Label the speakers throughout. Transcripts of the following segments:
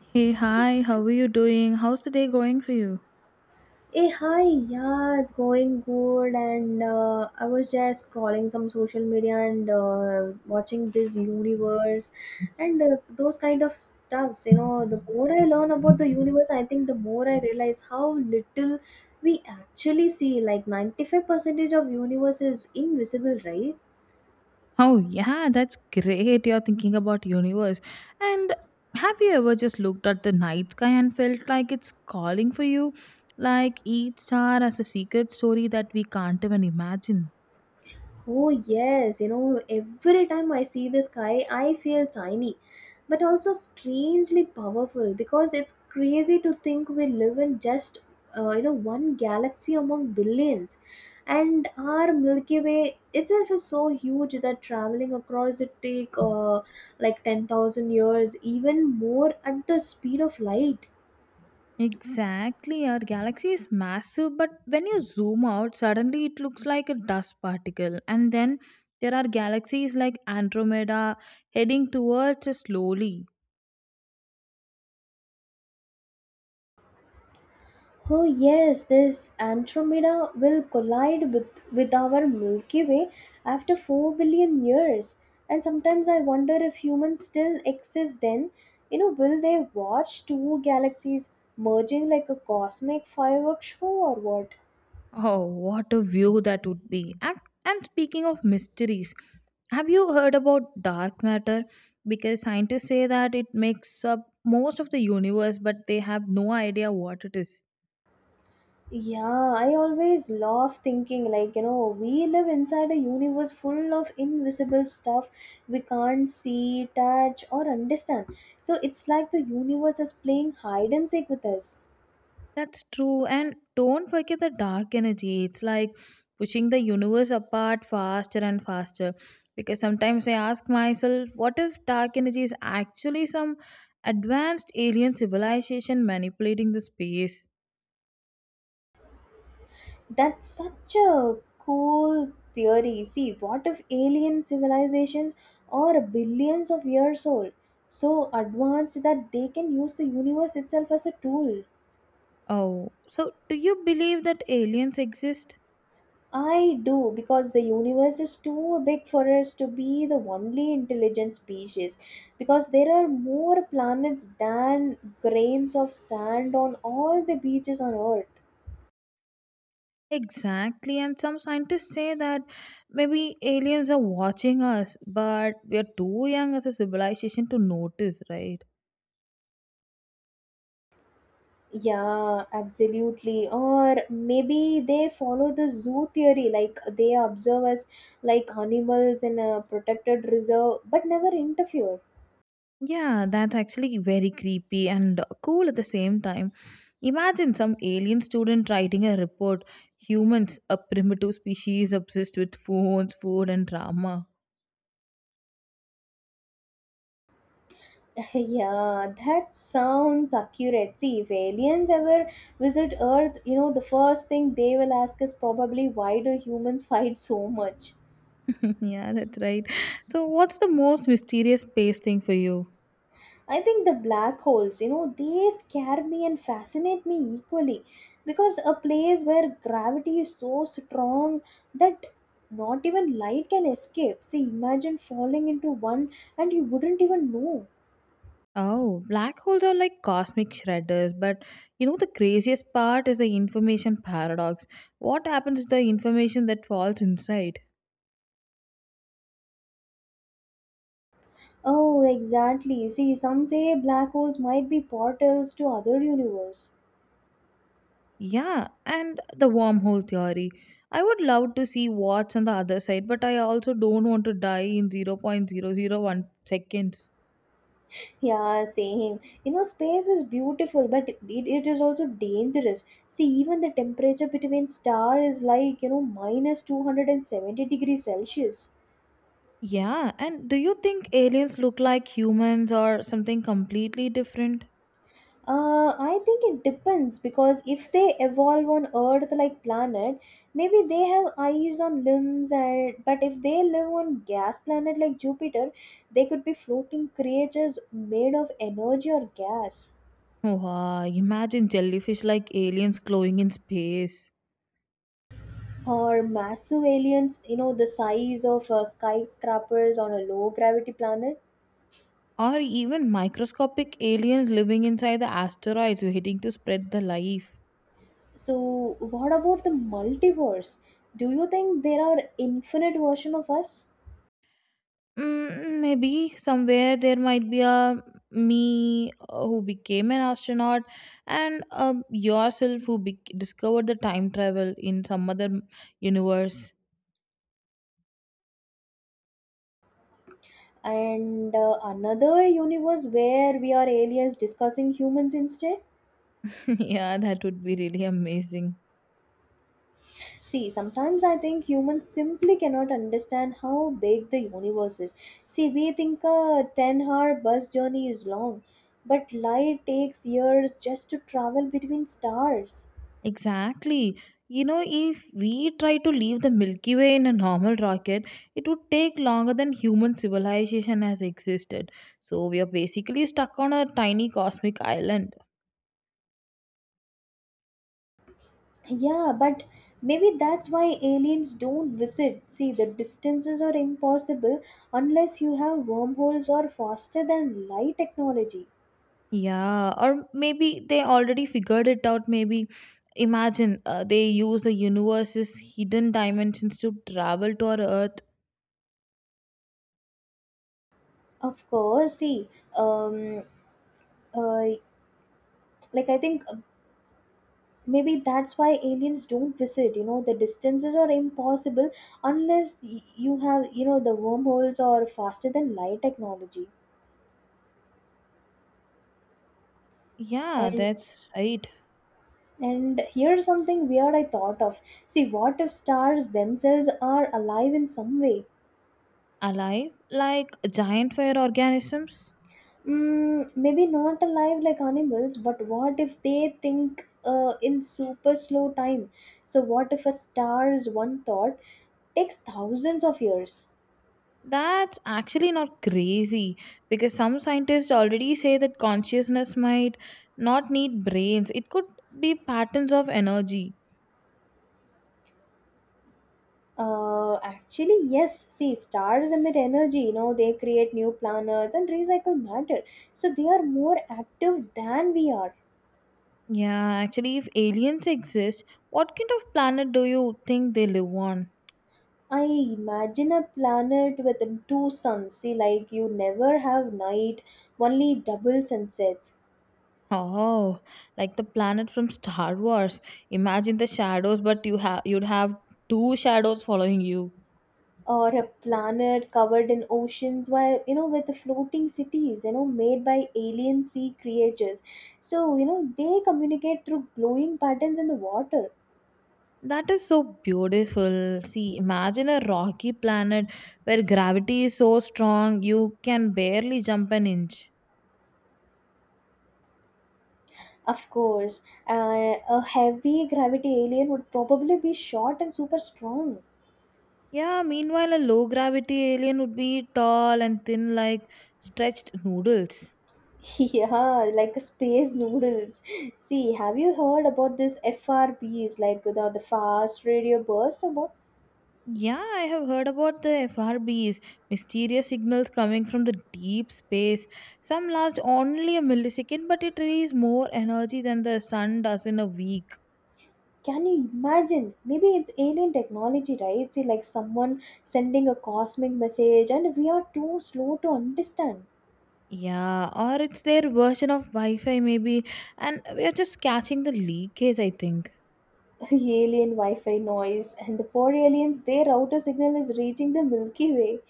Speaker 1: Hey, hi, how are you doing? How's the day going for you?
Speaker 2: Hey, hi, yeah, it's going good. And I was just scrolling some social media and watching this universe and those kind of stuffs. You know, the more I learn about the universe, I think the more I realize how little we actually see. Like 95% of universe is invisible, right?
Speaker 1: Oh, yeah, that's great. You're thinking about universe. And have you ever just looked at the night sky and felt like it's calling for you? Like each star has a secret story that we can't even imagine.
Speaker 2: Oh, yes, you know, every time I see the sky, I feel tiny, but also strangely powerful because it's crazy to think we live in just, you know, one galaxy among billions. And our Milky Way itself is so huge that traveling across it take like 10,000 years, even more at the speed of light.
Speaker 1: Exactly, our galaxy is massive, but when you zoom out, suddenly it looks like a dust particle. And then there are galaxies like Andromeda heading towards us slowly.
Speaker 2: Oh yes, this Andromeda will collide with our Milky Way after 4 billion years. And sometimes I wonder if humans still exist then. You know, will they watch two galaxies merging like a cosmic fireworks show or what?
Speaker 1: Oh, what a view that would be. And speaking of mysteries, have you heard about dark matter? Because scientists say that it makes up most of the universe, but they have no idea what it is.
Speaker 2: Yeah, I always love thinking like, you know, we live inside a universe full of invisible stuff we can't see, touch, or understand. So it's like the universe is playing hide and seek with us.
Speaker 1: That's true. And don't forget the dark energy. It's like pushing the universe apart faster and faster. Because sometimes I ask myself, what if dark energy is actually some advanced alien civilization manipulating the space?
Speaker 2: That's such a cool theory. See, what if alien civilizations are billions of years old, so advanced that they can use the universe itself as a tool?
Speaker 1: Oh, so do you believe that aliens exist?
Speaker 2: I do, because the universe is too big for us to be the only intelligent species, because there are more planets than grains of sand on all the beaches on Earth.
Speaker 1: Exactly, and some scientists say that maybe aliens are watching us, but we are too young as a civilization to notice, right?
Speaker 2: Yeah, absolutely. Or maybe they follow the zoo theory, like they observe us like animals in a protected reserve but never interfere.
Speaker 1: Yeah, that's actually very creepy and cool at the same time. Imagine some alien student writing a report humans, a primitive species obsessed with phones, food, and drama.
Speaker 2: Yeah, that sounds accurate. See, if aliens ever visit Earth, you know, the first thing they will ask is probably why do humans fight so much?
Speaker 1: Yeah, that's right. So, what's the most mysterious space thing for you?
Speaker 2: I think the black holes, you know, they scare me and fascinate me equally because a place where gravity is so strong that not even light can escape. See, imagine falling into one and you wouldn't even know.
Speaker 1: Oh, black holes are like cosmic shredders, but you know the craziest part is the information paradox. What happens to the information that falls inside?
Speaker 2: Oh, exactly. See, some say black holes might be portals to other universe.
Speaker 1: Yeah, and the wormhole theory. I would love to see what's on the other side, but I also don't want to die in 0.00 0.001 seconds.
Speaker 2: Yeah, same. You know, space is beautiful, but it is also dangerous. See, even the temperature between star is like, you know, minus 270 degrees Celsius.
Speaker 1: Yeah, and do you think aliens look like humans or something completely different?
Speaker 2: I think it depends because if they evolve on Earth like planet, maybe they have eyes on limbs and but if they live on gas planet like Jupiter, they could be floating creatures made of energy or gas.
Speaker 1: Wow, imagine jellyfish like aliens glowing in space.
Speaker 2: Or massive aliens, you know, the size of skyscrapers on a low gravity planet.
Speaker 1: Or even microscopic aliens living inside the asteroids waiting to spread the life.
Speaker 2: So what about the multiverse, do you think there are infinite version of us?
Speaker 1: Mm, maybe somewhere there might be a me who became an astronaut and yourself who bec discovered the time travel in some other universe.
Speaker 2: And another universe where we are aliens discussing humans instead.
Speaker 1: Yeah, that would be really amazing.
Speaker 2: See, sometimes I think humans simply cannot understand how big the universe is. See, we think a 10-hour bus journey is long, but light takes years just to travel between stars.
Speaker 1: Exactly. You know, if we try to leave the Milky Way in a normal rocket, it would take longer than human civilization has existed. So we are basically stuck on a tiny cosmic island.
Speaker 2: Yeah, but maybe that's why aliens don't visit. See, the distances are impossible unless you have wormholes or faster than light technology.
Speaker 1: Yeah, or maybe they already figured it out. Maybe imagine they use the universe's hidden dimensions to travel to our Earth.
Speaker 2: Of course, see, um, uh, like I think maybe that's why aliens don't visit. You know, the distances are impossible unless you have, you know, the wormholes or faster than light technology.
Speaker 1: Yeah,
Speaker 2: And
Speaker 1: that's right.
Speaker 2: and here's something weird I thought of. See, what if stars themselves are alive in some way?
Speaker 1: Alive, like giant fire organisms.
Speaker 2: Mm, maybe not alive like animals, but what if they think in super slow time? So, what if a star's one thought takes thousands of years?
Speaker 1: That's actually not crazy because some scientists already say that consciousness might not need brains, it could be patterns of energy.
Speaker 2: Actually, yes. See, stars emit energy, you know, they create new planets and recycle matter. So, they are more active than we are.
Speaker 1: Yeah, actually, if aliens exist, what kind of planet do you think they live on?
Speaker 2: I imagine a planet with two suns. See, like you never have night, only double sunsets.
Speaker 1: Oh, like the planet from Star Wars. Imagine the shadows, but you'd have two shadows following you.
Speaker 2: Or a planet covered in oceans, while you know, with the floating cities, you know, made by alien sea creatures, so you know they communicate through glowing patterns in the water.
Speaker 1: That is so beautiful. See, imagine a rocky planet where gravity is so strong you can barely jump an inch.
Speaker 2: Of course, uh, a heavy gravity alien would probably be short and super strong.
Speaker 1: Yeah, meanwhile, a low gravity alien would be tall and thin like stretched noodles.
Speaker 2: Yeah, like a space noodles. See, have you heard about this frbs, like the fast radio bursts about?
Speaker 1: Yeah, I have heard about the FRBs, mysterious signals coming from the deep space. Some last only a millisecond, but it releases more energy than the sun does in a week.
Speaker 2: Can you imagine? Maybe it's alien technology, right? See, like someone sending a cosmic message, and we are too slow to understand.
Speaker 1: Yeah, or it's their version of Wi-Fi maybe, and we are just catching the leakage, I think.
Speaker 2: Alien Wi Fi noise, and the poor aliens, their router signal is reaching the Milky Way.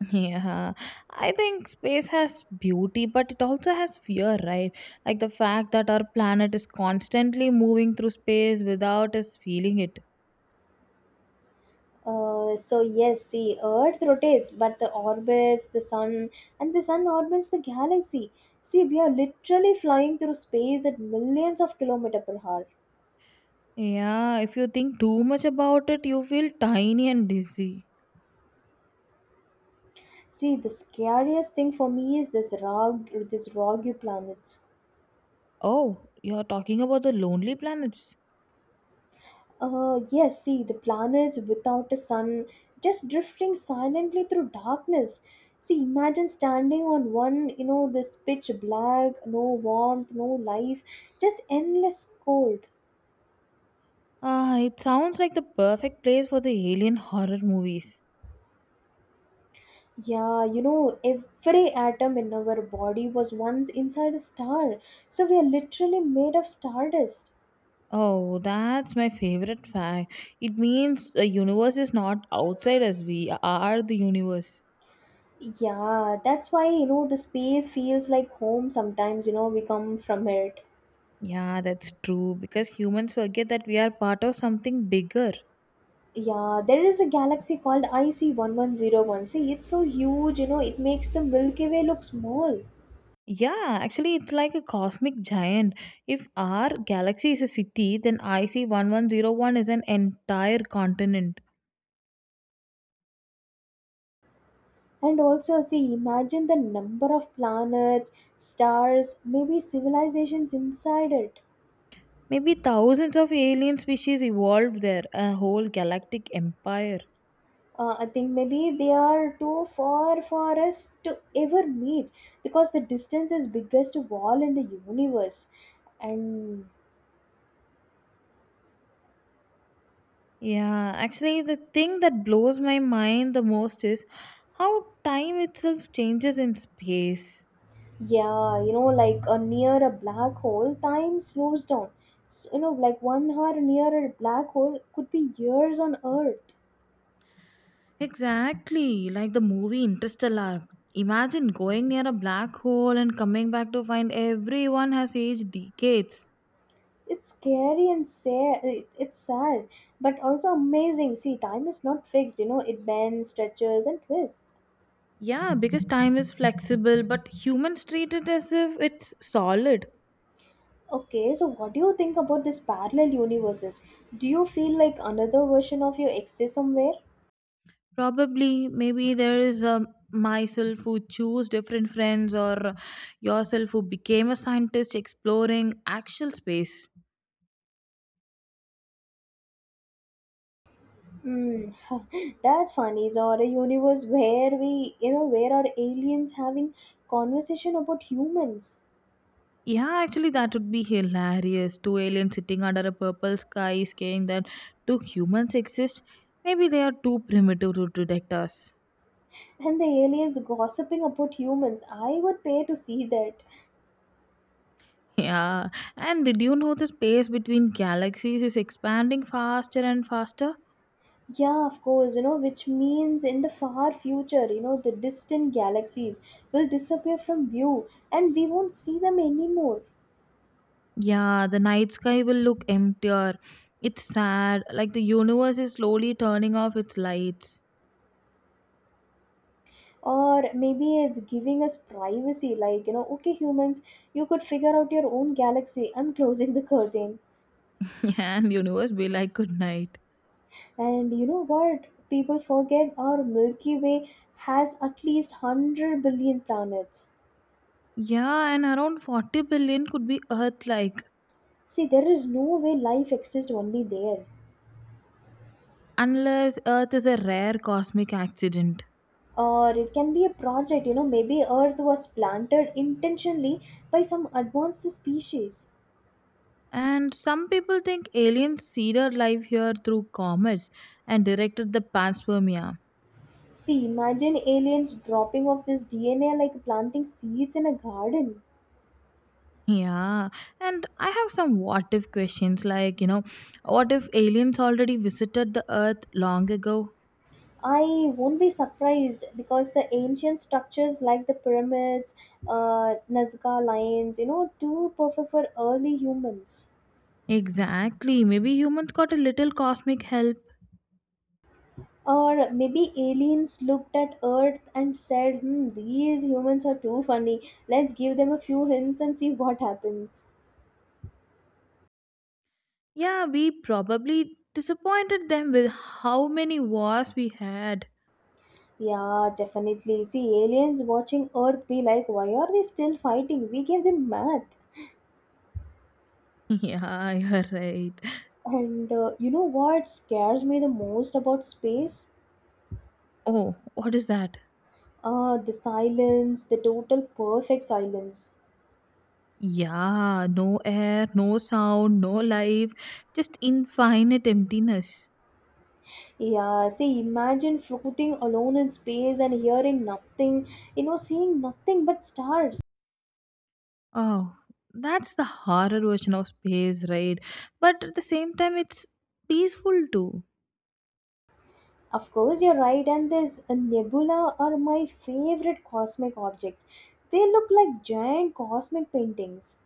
Speaker 1: Yeah, I think space has beauty, but it also has fear, right? Like the fact that our planet is constantly moving through space without us feeling it.
Speaker 2: So, yes, see, Earth rotates, but the orbits the sun, and the sun orbits the galaxy. See, we are literally flying through space at millions of kilometers per hour.
Speaker 1: Yeah, if you think too much about it, you feel tiny and dizzy.
Speaker 2: See, the scariest thing for me is this rock, this rocky planet.
Speaker 1: Oh, you're talking about the lonely planets.
Speaker 2: Yes, see, the planets without a sun just drifting silently through darkness. See, imagine standing on one, you know, this pitch black, no warmth, no life, just endless cold.
Speaker 1: Ah, it sounds like the perfect place for the alien horror movies.
Speaker 2: Yeah, you know, every atom in our body was once inside a star, so we are literally made of stardust.
Speaker 1: Oh, that's my favorite fact. It means the universe is not outside us, we are the universe.
Speaker 2: Yeah, that's why, you know, the space feels like home sometimes, you know, we come from it.
Speaker 1: Yeah, that's true because humans forget that we are part of something bigger.
Speaker 2: Yeah, there is a galaxy called IC 1101. See, it's so huge, you know, it makes the Milky Way look small.
Speaker 1: Yeah, actually, it's like a cosmic giant. If our galaxy is a city, then IC1101 is an entire continent.
Speaker 2: And also, see, imagine the number of planets, stars, maybe civilizations inside it.
Speaker 1: Maybe thousands of alien species evolved there, a whole galactic empire.
Speaker 2: I think maybe they are too far for us to ever meet because the distance is biggest wall in the universe. And
Speaker 1: Yeah, actually, the thing that blows my mind the most is how time itself changes in space.
Speaker 2: yeah, you know, like a near a black hole, time slows down. So, you know, like 1 hour near a black hole could be years on Earth.
Speaker 1: Exactly, like the movie Interstellar. Imagine going near a black hole and coming back to find everyone has aged decades.
Speaker 2: It's scary and sad. It's sad, but also amazing. See, time is not fixed. You know, it bends, stretches, and twists.
Speaker 1: Yeah, because time is flexible, but humans treat it as if it's solid.
Speaker 2: Okay, so what do you think about this parallel universes? Do you feel like another version of you exists somewhere?
Speaker 1: Probably, maybe there is a myself who choose different friends or yourself who became a scientist exploring actual space.
Speaker 2: Hmm, that's funny. So, a universe where we, you know, where are aliens having conversation about humans
Speaker 1: Yeah, actually, that would be hilarious. Two aliens sitting under a purple sky, saying that do humans exist? Maybe they are too primitive to detect us.
Speaker 2: and the aliens gossiping about humans? I would pay to see that.
Speaker 1: Yeah, and did you know the space between galaxies is expanding faster and faster?
Speaker 2: Yeah, of course, you know, which means in the far future, you know, the distant galaxies will disappear from view and we won't see them anymore.
Speaker 1: Yeah, the night sky will look emptier. It's sad, like the universe is slowly turning off its lights.
Speaker 2: Or maybe it's giving us privacy, like, you know, okay, humans, you could figure out your own galaxy. I'm closing the curtain.
Speaker 1: Yeah, and universe be like good night.
Speaker 2: And you know what? People forget our Milky Way has at least 100 billion planets.
Speaker 1: Yeah, and around 40 billion could be Earth like.
Speaker 2: See, there is no way life exists only there.
Speaker 1: Unless Earth is a rare cosmic accident.
Speaker 2: Or it can be a project, you know, maybe Earth was planted intentionally by some advanced species.
Speaker 1: And some people think aliens seeded life here through comets and directed the panspermia.
Speaker 2: See, imagine aliens dropping off this DNA like planting seeds in a garden.
Speaker 1: Yeah, and I have some what if questions like, you know, what if aliens already visited the Earth long ago?
Speaker 2: I won't be surprised because the ancient structures like the pyramids, Nazca lines, you know, too perfect for early humans.
Speaker 1: Exactly, maybe humans got a little cosmic help.
Speaker 2: Or maybe aliens looked at Earth and said, hmm, these humans are too funny. Let's give them a few hints and see what happens.
Speaker 1: Yeah, we probably disappointed them with how many wars we had.
Speaker 2: Yeah, definitely. See, aliens watching Earth be like, why are they still fighting? We gave them math.
Speaker 1: Yeah, you're right.
Speaker 2: And you know what scares me the most about space?
Speaker 1: Oh, what is that?
Speaker 2: Ah, the silence, the total perfect silence.
Speaker 1: Yeah, no air, no sound, no life, just infinite emptiness.
Speaker 2: Yeah, see, imagine floating alone in space and hearing nothing, you know, seeing nothing but stars.
Speaker 1: Oh, that's the horror version of space, right? But at the same time, it's peaceful too.
Speaker 2: Of course, you're right, and this nebula are my favorite cosmic objects. They look like giant cosmic paintings.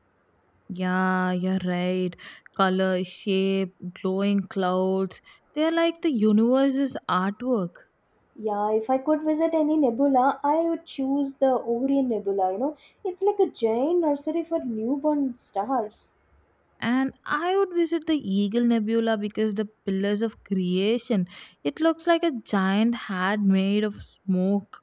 Speaker 1: Yeah, you're right. Color, shape, glowing clouds, they're like the universe's artwork.
Speaker 2: Yeah, if I could visit any nebula, I would choose the Orion Nebula, you know. It's like a giant nursery for newborn stars.
Speaker 1: And I would visit the Eagle Nebula because the pillars of creation, it looks like a giant hat made of smoke.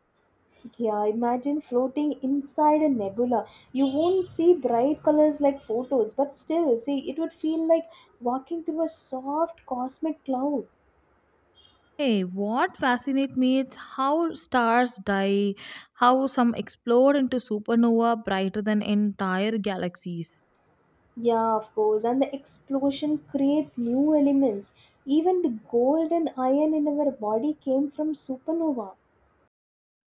Speaker 2: Yeah, imagine floating inside a nebula. You won't see bright colors like photos, but still, see, it would feel like walking through a soft cosmic cloud.
Speaker 1: Hey, what fascinates me is how stars die, how some explode into supernova brighter than entire galaxies.
Speaker 2: Yeah, of course, and the explosion creates new elements. Even the gold and iron in our body came from supernova.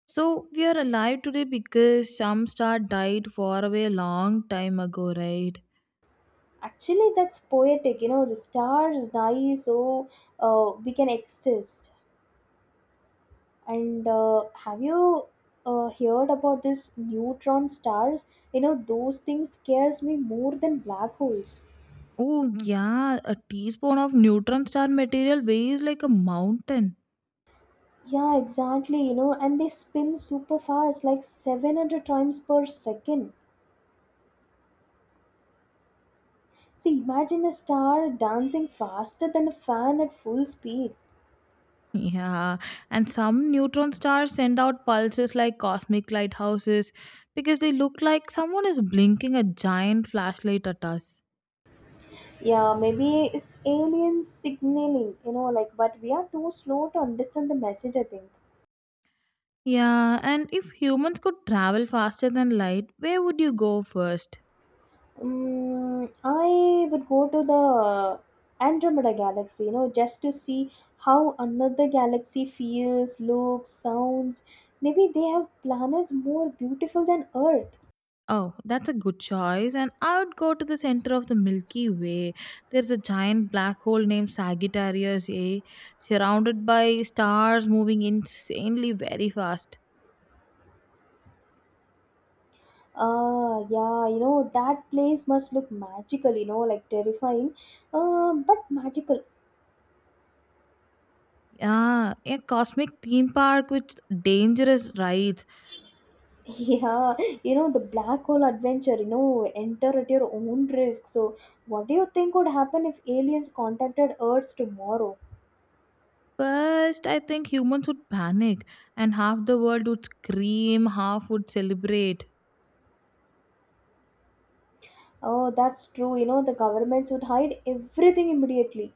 Speaker 1: So we are alive today because some star died far away a long time ago, right?
Speaker 2: Actually, that's poetic, you know, the stars die so we can exist. And have you heard about this neutron stars? You know, those things scares me more than black holes.
Speaker 1: Oh yeah, a teaspoon of neutron star material weighs like a mountain.
Speaker 2: Yeah, exactly. You know, and they spin super fast, like 700 times per second. See, imagine a star dancing faster than a fan at full speed.
Speaker 1: Yeah, and some neutron stars send out pulses like cosmic lighthouses because they look like someone is blinking a giant flashlight at us.
Speaker 2: Yeah, maybe it's alien signaling, you know, like, but we are too slow to understand the message, I think.
Speaker 1: Yeah, and if humans could travel faster than light, where would you go first?
Speaker 2: Mm, I would go to the Andromeda galaxy, you know, just to see how another galaxy feels, looks, sounds. Maybe they have planets more beautiful than Earth.
Speaker 1: Oh, that's a good choice. And I would go to the center of the Milky Way. There's a giant black hole named Sagittarius A, surrounded by stars moving insanely very fast.
Speaker 2: Ah, yeah, you know, that place must look magical, you know, like terrifying, but magical.
Speaker 1: Yeah, a cosmic theme park with dangerous rides.
Speaker 2: Yeah, you know, the black hole adventure, you know, enter at your own risk. So, what do you think would happen if aliens contacted Earth tomorrow?
Speaker 1: First, I think humans would panic, and half the world would scream, half would celebrate.
Speaker 2: Oh, that's true. You know, the governments would hide everything immediately.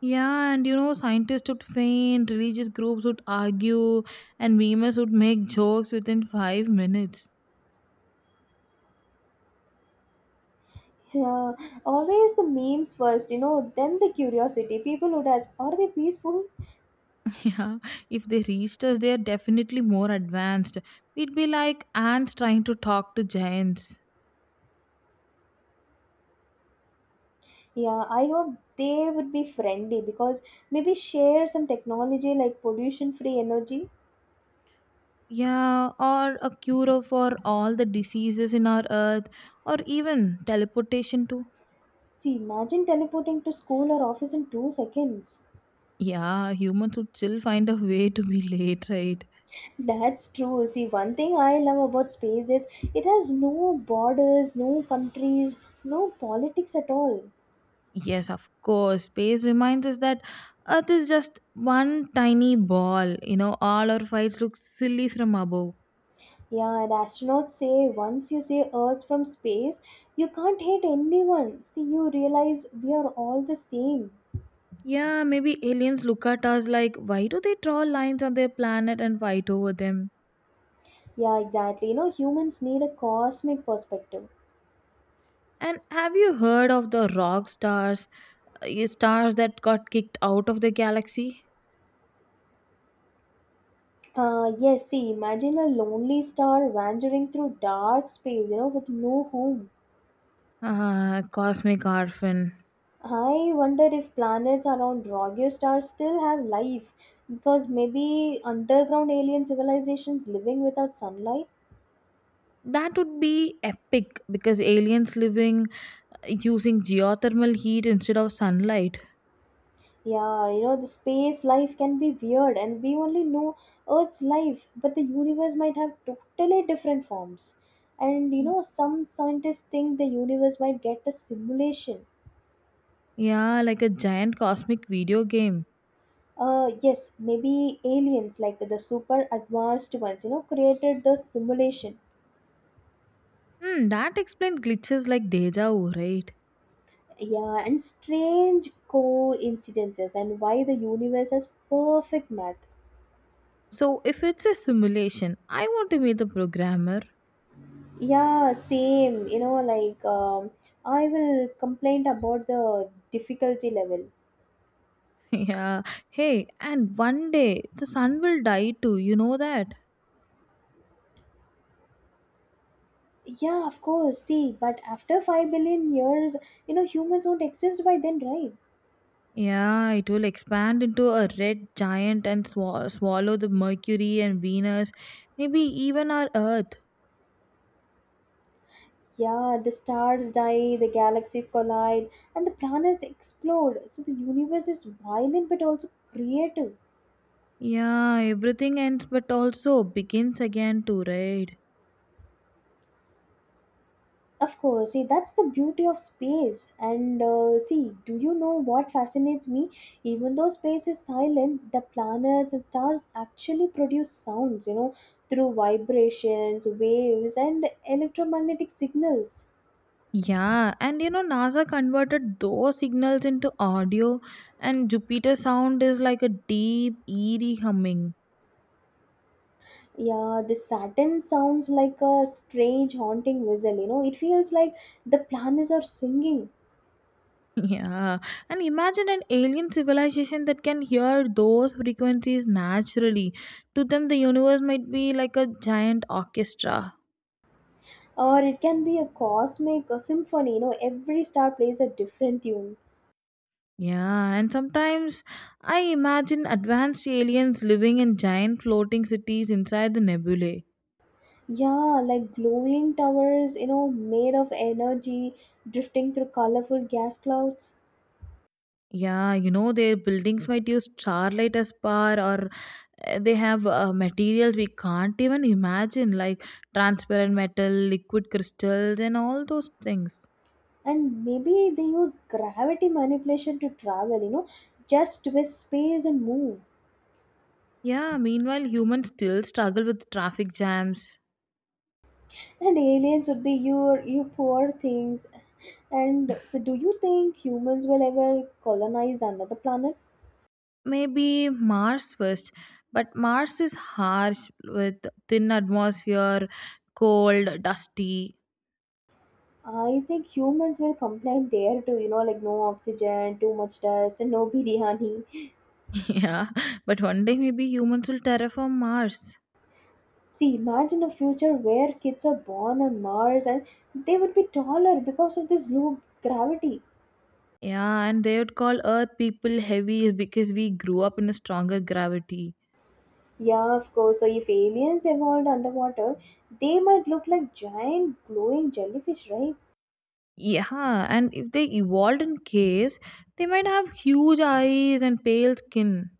Speaker 1: Yeah, and you know, scientists would faint, religious groups would argue, and memes would make jokes within 5 minutes.
Speaker 2: Yeah, always the memes first, you know, then the curiosity. People would ask, are they peaceful?
Speaker 1: Yeah, if they reached us, they are definitely more advanced. We'd be like ants trying to talk to giants.
Speaker 2: Yeah, I hope they would be friendly because maybe share some technology like pollution free energy.
Speaker 1: Yeah, or a cure for all the diseases in our earth, or even teleportation too.
Speaker 2: See, imagine teleporting to school or office in 2 seconds.
Speaker 1: Yeah, humans would still find a way to be late, right?
Speaker 2: That's true. See, one thing I love about space is it has no borders, no countries, no politics at all.
Speaker 1: Yes, of course. Space reminds us that Earth is just one tiny ball. You know, all our fights look silly from above.
Speaker 2: Yeah, and astronauts say once you see Earth from space, you can't hate anyone. See, you realize we are all the same.
Speaker 1: Yeah, maybe aliens look at us like, why do they draw lines on their planet and fight over them?
Speaker 2: Yeah, exactly. You know, humans need a cosmic perspective.
Speaker 1: And have you heard of the rock stars, stars that got kicked out of the galaxy?
Speaker 2: Yes, see, imagine a lonely star wandering through dark space, you know, with no home.
Speaker 1: Ah, cosmic orphan.
Speaker 2: I wonder if planets around Rogue stars still have life because maybe underground alien civilizations living without sunlight.
Speaker 1: That would be epic because aliens living using geothermal heat instead of sunlight.
Speaker 2: Yeah, you know, the space life can be weird, and we only know Earth's life, but the universe might have totally different forms. And you know, some scientists think the universe might get a simulation.
Speaker 1: Yeah, like a giant cosmic video game.
Speaker 2: Yes, maybe aliens, like the super advanced ones, you know, created the simulation.
Speaker 1: Hmm, that explains glitches like deja vu, right?
Speaker 2: Yeah, and strange coincidences, and why the universe has perfect math.
Speaker 1: So, if it's a simulation, I want to meet the programmer.
Speaker 2: Yeah, same. I will complain about the difficulty level.
Speaker 1: Yeah. Hey, and one day the sun will die too, you know that?
Speaker 2: Yeah, of course. See, but after 5 billion years, you know, humans won't exist by then, right?
Speaker 1: Yeah, it will expand into a red giant and swallow the Mercury and Venus, maybe even our Earth.
Speaker 2: Yeah, the stars die, the galaxies collide, and the planets explode. So the universe is violent but also creative.
Speaker 1: Yeah, everything ends but also begins again too, right?
Speaker 2: Of course, see, that's the beauty of space. And see, do you know what fascinates me? Even though space is silent, the planets and stars actually produce sounds, you know, through vibrations, waves, and electromagnetic signals.
Speaker 1: Yeah, and you know, NASA converted those signals into audio, and Jupiter sound is like a deep, eerie humming.
Speaker 2: Yeah, the Saturn sounds like a strange, haunting whistle, you know, it feels like the planets are singing.
Speaker 1: Yeah, and imagine an alien civilization that can hear those frequencies naturally. To them, the universe might be like a giant orchestra.
Speaker 2: Or it can be a cosmic a symphony, you know, every star plays a different tune.
Speaker 1: Yeah, and sometimes I imagine advanced aliens living in giant floating cities inside the nebulae.
Speaker 2: Yeah, like glowing towers, you know, made of energy drifting through colorful gas clouds.
Speaker 1: Yeah, you know, their buildings might use starlight as power, or they have materials we can't even imagine, like transparent metal, liquid crystals, and all those things.
Speaker 2: And maybe they use gravity manipulation to travel, you know, just twist space and move.
Speaker 1: Yeah, meanwhile, humans still struggle with traffic jams.
Speaker 2: And aliens would be your you poor things. And so do you think humans will ever colonize another planet?
Speaker 1: Maybe Mars first, but Mars is harsh with thin atmosphere, cold, dusty.
Speaker 2: I think humans will complain there too, you know, like no oxygen, too much dust, and no biryani.
Speaker 1: Yeah, but one day maybe humans will terraform Mars.
Speaker 2: See, imagine a future where kids are born on Mars and they would be taller because of this low gravity.
Speaker 1: Yeah, and they would call Earth people heavy because we grew up in a stronger gravity.
Speaker 2: Yeah, of course. So, if aliens evolved underwater, they might look like giant glowing jellyfish, right?
Speaker 1: Yeah, and if they evolved in caves, they might have huge eyes and pale skin.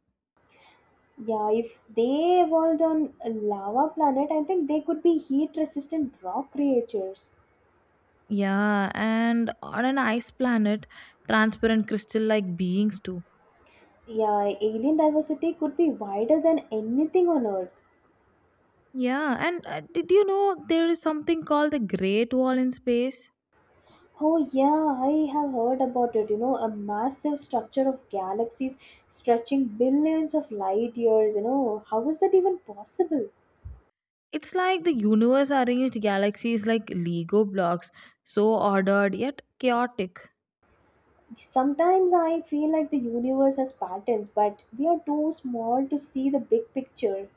Speaker 2: Yeah, if they evolved on a lava planet, I think they could be heat resistant rock creatures.
Speaker 1: Yeah, and on an ice planet, transparent crystal like beings too.
Speaker 2: Yeah, alien diversity could be wider than anything on Earth.
Speaker 1: Yeah, and did you know there is something called the Great Wall in space?
Speaker 2: Oh, yeah, I have heard about it. You know, a massive structure of galaxies stretching billions of light years. You know, how is that even possible?
Speaker 1: It's like the universe arranged galaxies like Lego blocks, so ordered yet chaotic.
Speaker 2: Sometimes I feel like the universe has patterns, but we are too small to see the big picture.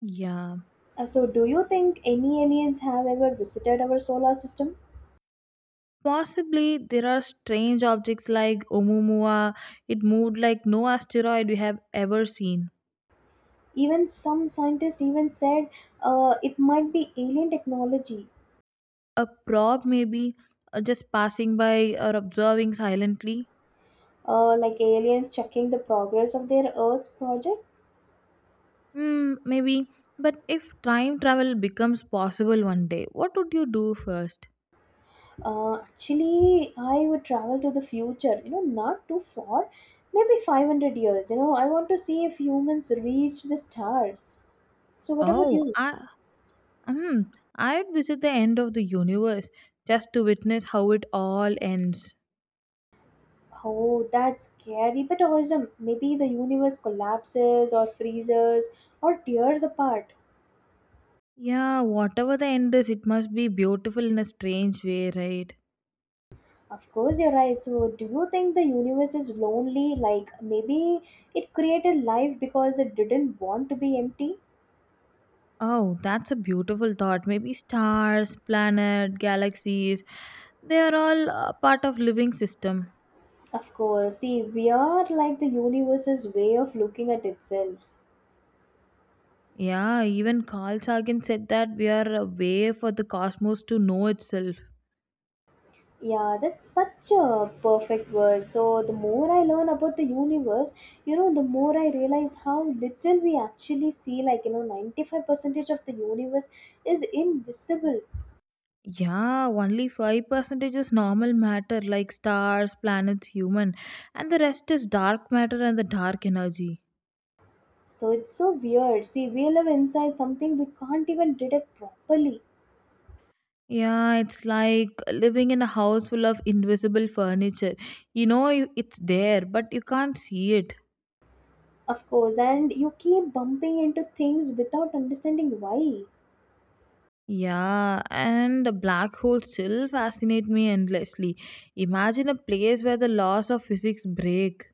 Speaker 1: Yeah.
Speaker 2: So, do you think any aliens have ever visited our solar system?
Speaker 1: Possibly there are strange objects like Oumuamua. It moved like no asteroid we have ever seen.
Speaker 2: Even some scientists even said it might be alien technology,
Speaker 1: A probe, maybe, just passing by or observing silently.
Speaker 2: like aliens checking the progress of their Earth's project.
Speaker 1: Hmm, maybe. But if time travel becomes possible one day, what would you do first?
Speaker 2: Actually, I would travel to the future, you know, not too far, maybe 500 years. You know, I want to see if humans reach the stars. So, what about
Speaker 1: Oh,
Speaker 2: you?
Speaker 1: hmm, I'd visit the end of the universe just to witness how it all ends.
Speaker 2: Oh, that's scary but awesome. Maybe the universe collapses or freezes or tears apart.
Speaker 1: Yeah, whatever the end is, it must be beautiful in a strange way, right?
Speaker 2: Of course, you're right. So, do you think the universe is lonely? Like, maybe it created life because it didn't want to be empty?
Speaker 1: Oh, that's a beautiful thought. Maybe stars, planet, galaxies, they are all part of living system.
Speaker 2: Of course, see, we are like the universe's way of looking at itself.
Speaker 1: Yeah, even Carl Sagan said that we are a way for the cosmos to know itself.
Speaker 2: Yeah, that's such a perfect word. So, the more I learn about the universe, you know, the more I realize how little we actually see. Like, you know, 95% of the universe is invisible.
Speaker 1: Yeah, only 5% is normal matter like stars, planets, human, and the rest is dark matter and the dark energy.
Speaker 2: So, it's so weird. See, we live inside something we can't even detect properly,
Speaker 1: Yeah, it's like living in a house full of invisible furniture. You know it's there, but you can't see it.
Speaker 2: of course, and you keep bumping into things without understanding why.
Speaker 1: Yeah, and the black holes still fascinate me endlessly. Imagine a place where the laws of physics break.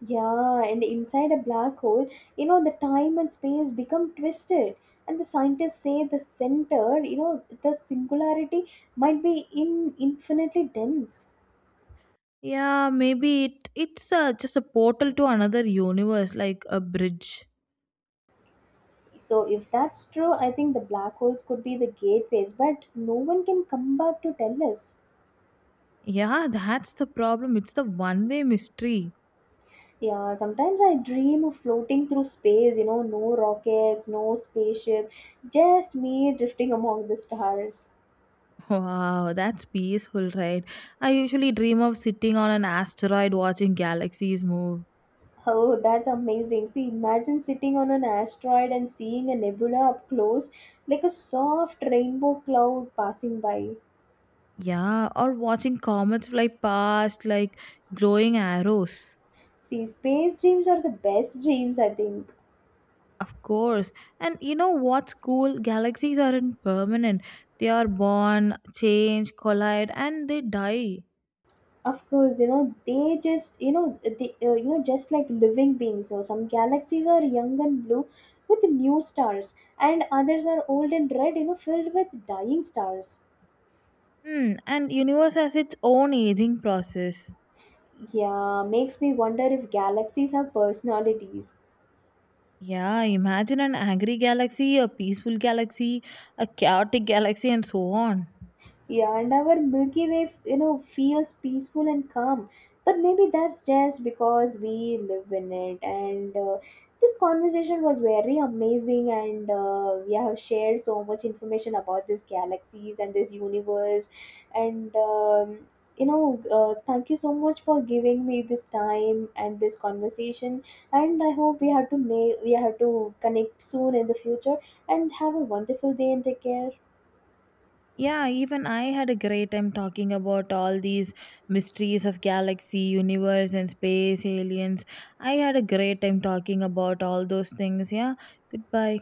Speaker 2: Yeah, and inside a black hole, you know, the time and space become twisted. And the scientists say the center, you know, the singularity might be in infinitely dense.
Speaker 1: Yeah, maybe it's just a portal to another universe, like a bridge.
Speaker 2: So if that's true, I think the black holes could be the gateways, but no one can come back to tell us.
Speaker 1: Yeah, that's the problem. It's the one-way mystery.
Speaker 2: Yeah, sometimes I dream of floating through space, you know, no rockets, no spaceship, just me drifting among the stars.
Speaker 1: Wow, that's peaceful, right? I usually dream of sitting on an asteroid watching galaxies move.
Speaker 2: Oh, that's amazing. See, imagine sitting on an asteroid and seeing a nebula up close, like a soft rainbow cloud passing by.
Speaker 1: Yeah, or watching comets fly past like glowing arrows.
Speaker 2: See, space dreams are the best dreams, I think.
Speaker 1: Of course. And you know what's cool? Galaxies aren't permanent. They are born, change, collide, and they die.
Speaker 2: Of course, you know, they just, you know, they, you know, just like living beings. So some galaxies are young and blue with new stars, and others are old and red, you know, filled with dying stars.
Speaker 1: Hmm, and universe has its own aging process.
Speaker 2: Yeah, makes me wonder if galaxies have personalities.
Speaker 1: Yeah, imagine an angry galaxy, a peaceful galaxy, a chaotic galaxy, and so on.
Speaker 2: Yeah, and our Milky Way, you know, feels peaceful and calm. But maybe that's just because we live in it. And This conversation was very amazing, and we have shared so much information about these galaxies and this universe. And um, Thank you so much for giving me this time and this conversation. And I hope we have to connect soon in the future. And have a wonderful day and take care.
Speaker 1: Yeah, even I had a great time talking about all these mysteries of galaxy, universe, and space, aliens. I had a great time talking about all those things. Yeah, goodbye.